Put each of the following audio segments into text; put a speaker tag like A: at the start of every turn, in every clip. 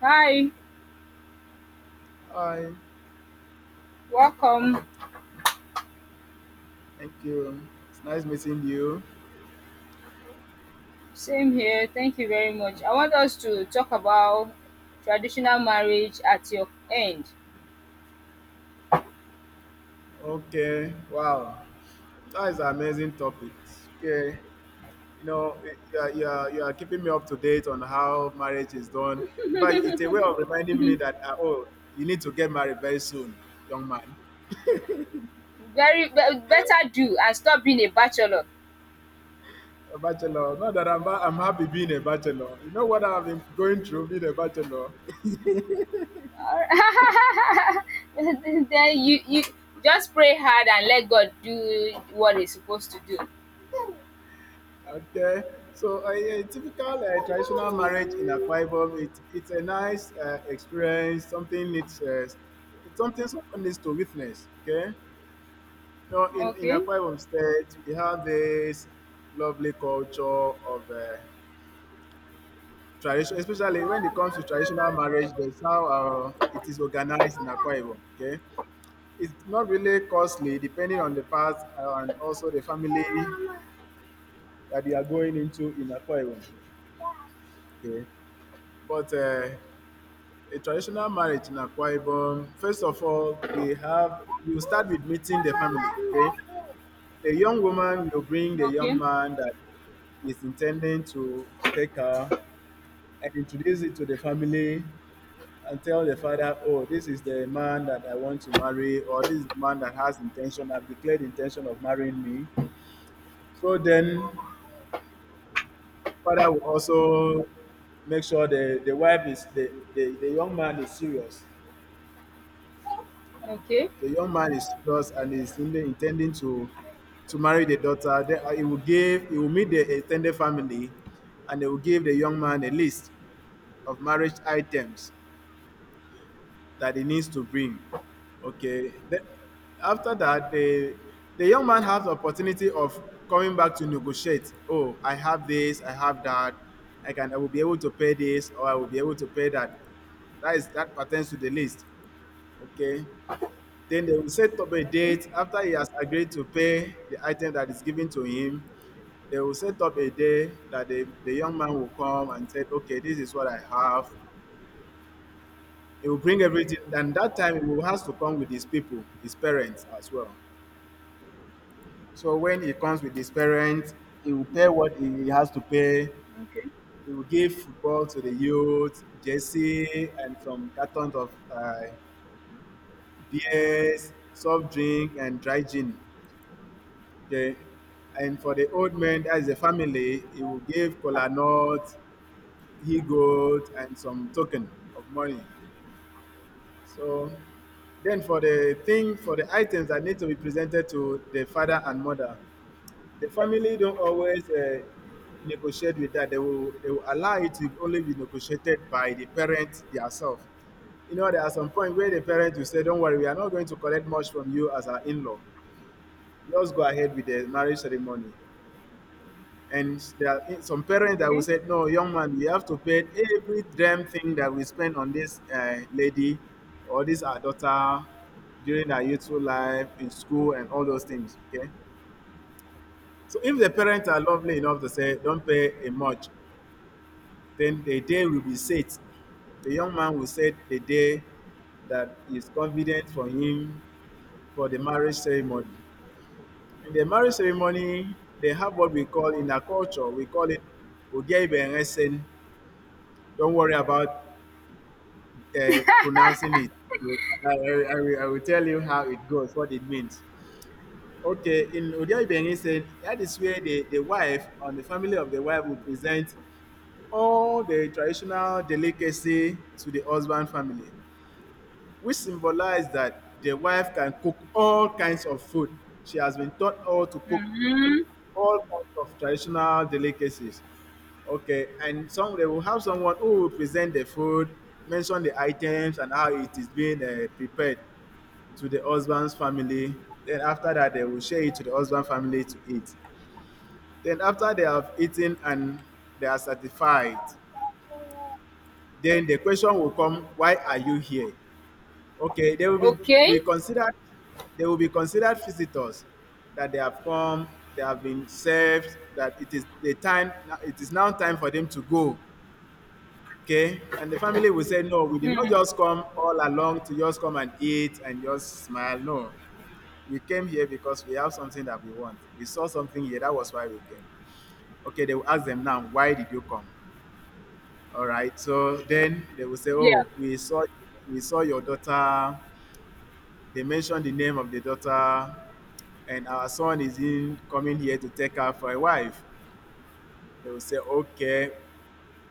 A: Hi,
B: Hi,
A: welcome.
B: thank you. It's nice meeting you.
A: Same here. Thank you very much. I want us to talk about traditional marriage at your end.
B: Okay, wow, that is an amazing topic. Okay, you know, you are keeping me up to date on how marriage is done. But it's a way of reminding me that, oh, you need to get married very soon, young man.
A: Better do and stop being a bachelor.
B: A bachelor. Not that I'm happy being a bachelor. You know what I've been going through being a bachelor?
A: Alright. Then you just pray hard and let God do what He's supposed to do.
B: Okay, so a typical traditional marriage in Akwa Ibom, it's a nice experience. It's something someone needs to witness. Okay, you know, in
A: Okay.
B: Akwa Ibom State, we have this lovely culture of tradition, especially when it comes to traditional marriage. That's how it is organized in Akwa Ibom. Okay, it's not really costly, depending on the path and also the family that they are going into in Akwa Ibom. Okay. But a traditional marriage in Akwa Ibom, first of all, we have you start with meeting the family. Okay, the young woman will bring the young
A: Okay.
B: man that is intending to take her and introduce it to the family and tell the father, oh, this is the man that I want to marry, or this is the man that has intention, I've declared intention of marrying me. So then father will also make sure the young man is serious.
A: Okay.
B: The young man is serious and is intending to marry the daughter. Then he will meet the extended family, and they will give the young man a list of marriage items that he needs to bring. Okay. Then after that, the young man has the opportunity of coming back to negotiate. Oh, I have this, I have that. I will be able to pay this or I will be able to pay that. That is that pertains to the list. Okay. Then they will set up a
A: Okay.
B: date after he has agreed to pay the item that is given to him. They will set up a day that the young man will come and say, okay, this is what I have. He will bring everything. And that time he will have to come with his people, his parents as well. So when he comes with his parents, he will pay what he has to pay.
A: Okay.
B: He will give football to the youth, jersey, and some cartons of beers, soft drink, and dry gin. Okay. And for the old man, as a family, he will give kola nut, he goat, and some token of money. So then for the thing, for the items that need to be presented to the father and mother, the family don't always negotiate with that. They will allow it to only be negotiated by the parent themselves. You know, there are some point where the parent will say, don't worry, we are not going to collect much from you as our in-law. Just go ahead with the marriage ceremony. And there are some parents that will
A: Okay.
B: say, "No, young man, we have to pay every damn thing that we spend on this lady or this our daughter during her youthful life in school and all those things." Okay. So if the parents are lovely enough to say, "Don't pay a much," then the day will be set. The young man will set the day that is convenient for him for the marriage ceremony. In the marriage ceremony, they have what we call in our culture, we call it Odia Ibe. Don't worry about pronouncing it. I will tell you how it goes, what it means. Okay, in Odia Ibengi said that is where the wife and the family of the wife will present all the traditional delicacy to the husband family, which symbolize that the wife can cook all kinds of food. She has been taught how to cook
A: Mm-hmm.
B: all kinds of traditional delicacies. Okay, and some they will have someone who will present the food, mention the items and how it is being prepared to the husband's family. Then after that, they will share it to the husband family to eat. Then after they have eaten and they are satisfied, then the question will come, why are you here? Okay, be
A: Okay.
B: considered they will be considered visitors that they have come, they have been served, that it is the time it is now time for them to go. Okay? And the family will say, no, we did not
A: Mm.
B: just come all along to just come and eat and just smile. No. We came here because we have something that we want. We saw something here, that was why we came. Okay, they will ask them now, why did you come? All right. So then they will say,
A: Yeah.
B: oh, we saw your daughter. They mentioned the name of the daughter, and our son is in coming here to take her for a wife. They will say, okay,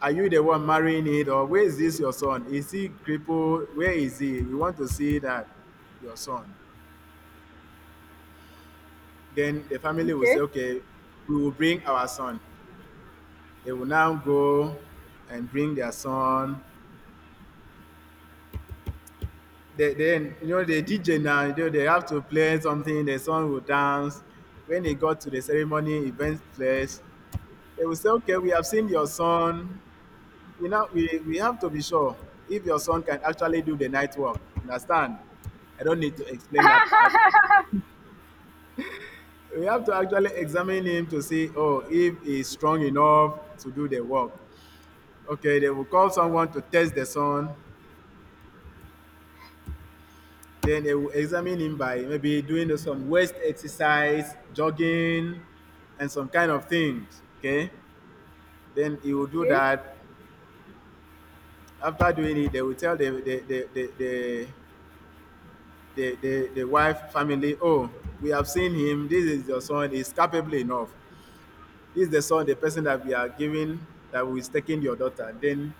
B: are you the one marrying it? Or where is this your son? Is he crippled? Where is he? We want to see that your son. Then the family will say,
A: Okay.
B: okay, we will bring our son. They will now go and bring their son. They, then, you know, the DJ now, you know, they have to play something, the son will dance. When he got to the ceremony event place, they will say, okay, we have seen your son. You know, we have to be sure if your son can actually do the night work. Understand? I don't need to explain that part. We have to actually examine him to see, oh, if he's strong enough to do the work. Okay, they will call someone to test the son. Then they will examine him by maybe doing some waist exercise, jogging, and some kind of things. Okay, then he will do
A: Okay.
B: that. After doing it, they will tell the wife family, oh, we have seen him. This is your son. He's capable enough. This is the son, the person that we are giving, that is taking your daughter. Then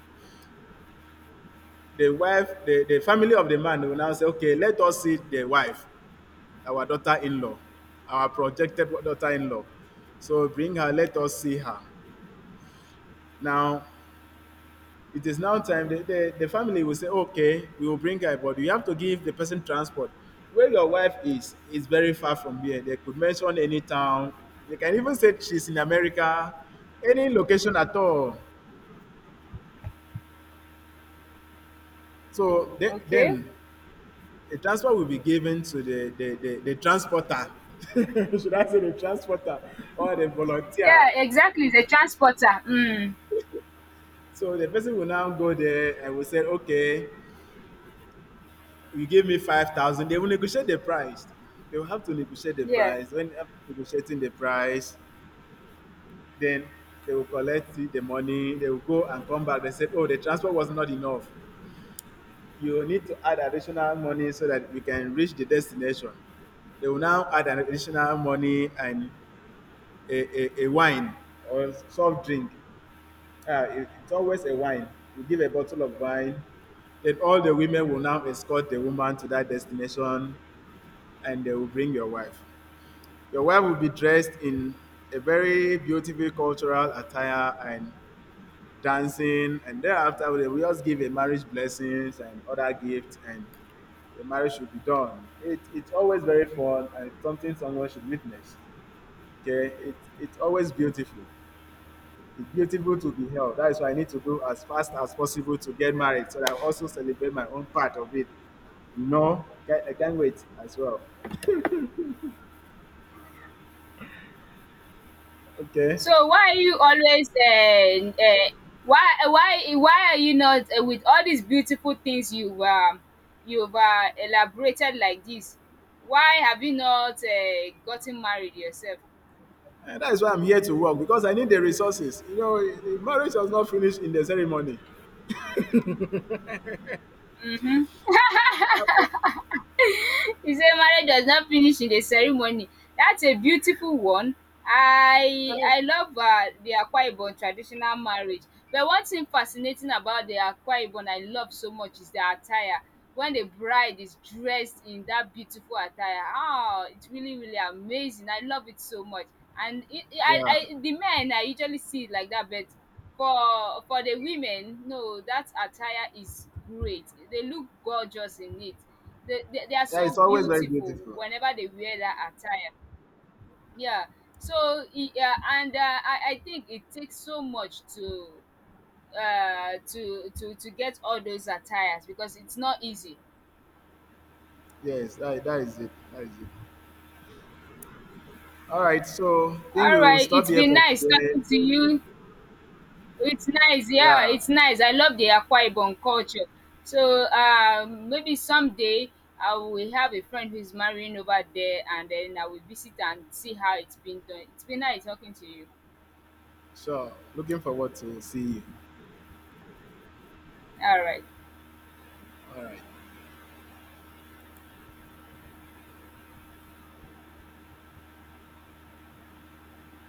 B: the family of the man will now say, okay, let us see the wife, our daughter-in-law, our projected daughter-in-law. So bring her, let us see her. Now, it is now time. The family will say, okay, we will bring her, but you have to give the person transport. Where your wife is very far from here. They could mention any town. They can even say she's in America, any location at all. So the-
A: Okay.
B: then the transport will be given to the transporter. Should I say the transporter or the
A: Yeah.
B: volunteer?
A: Exactly. The transporter. Mm.
B: So the person will now go there and will say, okay, you give me 5,000, they will negotiate the price. They will have to negotiate the
A: Yeah.
B: price. When after negotiating the price, then they will collect the money. They will go and come back. They said, "Oh, the transport was not enough. You need to add additional money so that we can reach the destination." They will now add an additional money and a wine or soft drink. It's always a wine. You give a bottle of wine, then all the women will now escort the woman to that destination and they will bring your wife. Your wife will be dressed in a very beautiful cultural attire and dancing, and thereafter they will just give a marriage blessings and other gifts, and the marriage should be done. It's always very fun and it's something someone should witness. Okay, it's always beautiful. It's beautiful to be held. That is why I need to go as fast as possible to get married so that I also celebrate my own part of it. You know, I can't wait as well. Okay.
A: So why are you always why are you not with all these beautiful things you've elaborated like this? Why have you not gotten married yourself?
B: And that is why I'm here to work because I need the resources. You know, the marriage was not finished in the ceremony.
A: He said marriage does not finish in the ceremony. That's a beautiful one. I
B: Eh,
A: I love the Akwa Ibom traditional marriage. But one thing fascinating about the Akwa Ibom I love so much is the attire. When the bride is dressed in that beautiful attire, ah, it's really amazing. I love it so much. And
B: yeah.
A: the men I usually see it like that, but for the women, no, that attire is great. They look gorgeous in it. They are
B: Yeah,
A: so
B: it's always very
A: beautiful
B: beautiful.
A: whenever they wear that attire. Yeah. So yeah, and I think it takes so much to get all those attires because it's not easy.
B: Yes, that is it. That is it. All right, so I think
A: All
B: we'll
A: right,
B: stop
A: it's
B: here
A: been
B: for
A: nice
B: today.
A: talking to you. It's nice, yeah,
B: Yeah.
A: it's nice. I love the Akwa Ibom culture. So maybe someday I will have a friend who's marrying over there, and then I will visit and see how it's been done. It's been nice talking to you.
B: So looking forward to see you.
A: All right.
B: All right.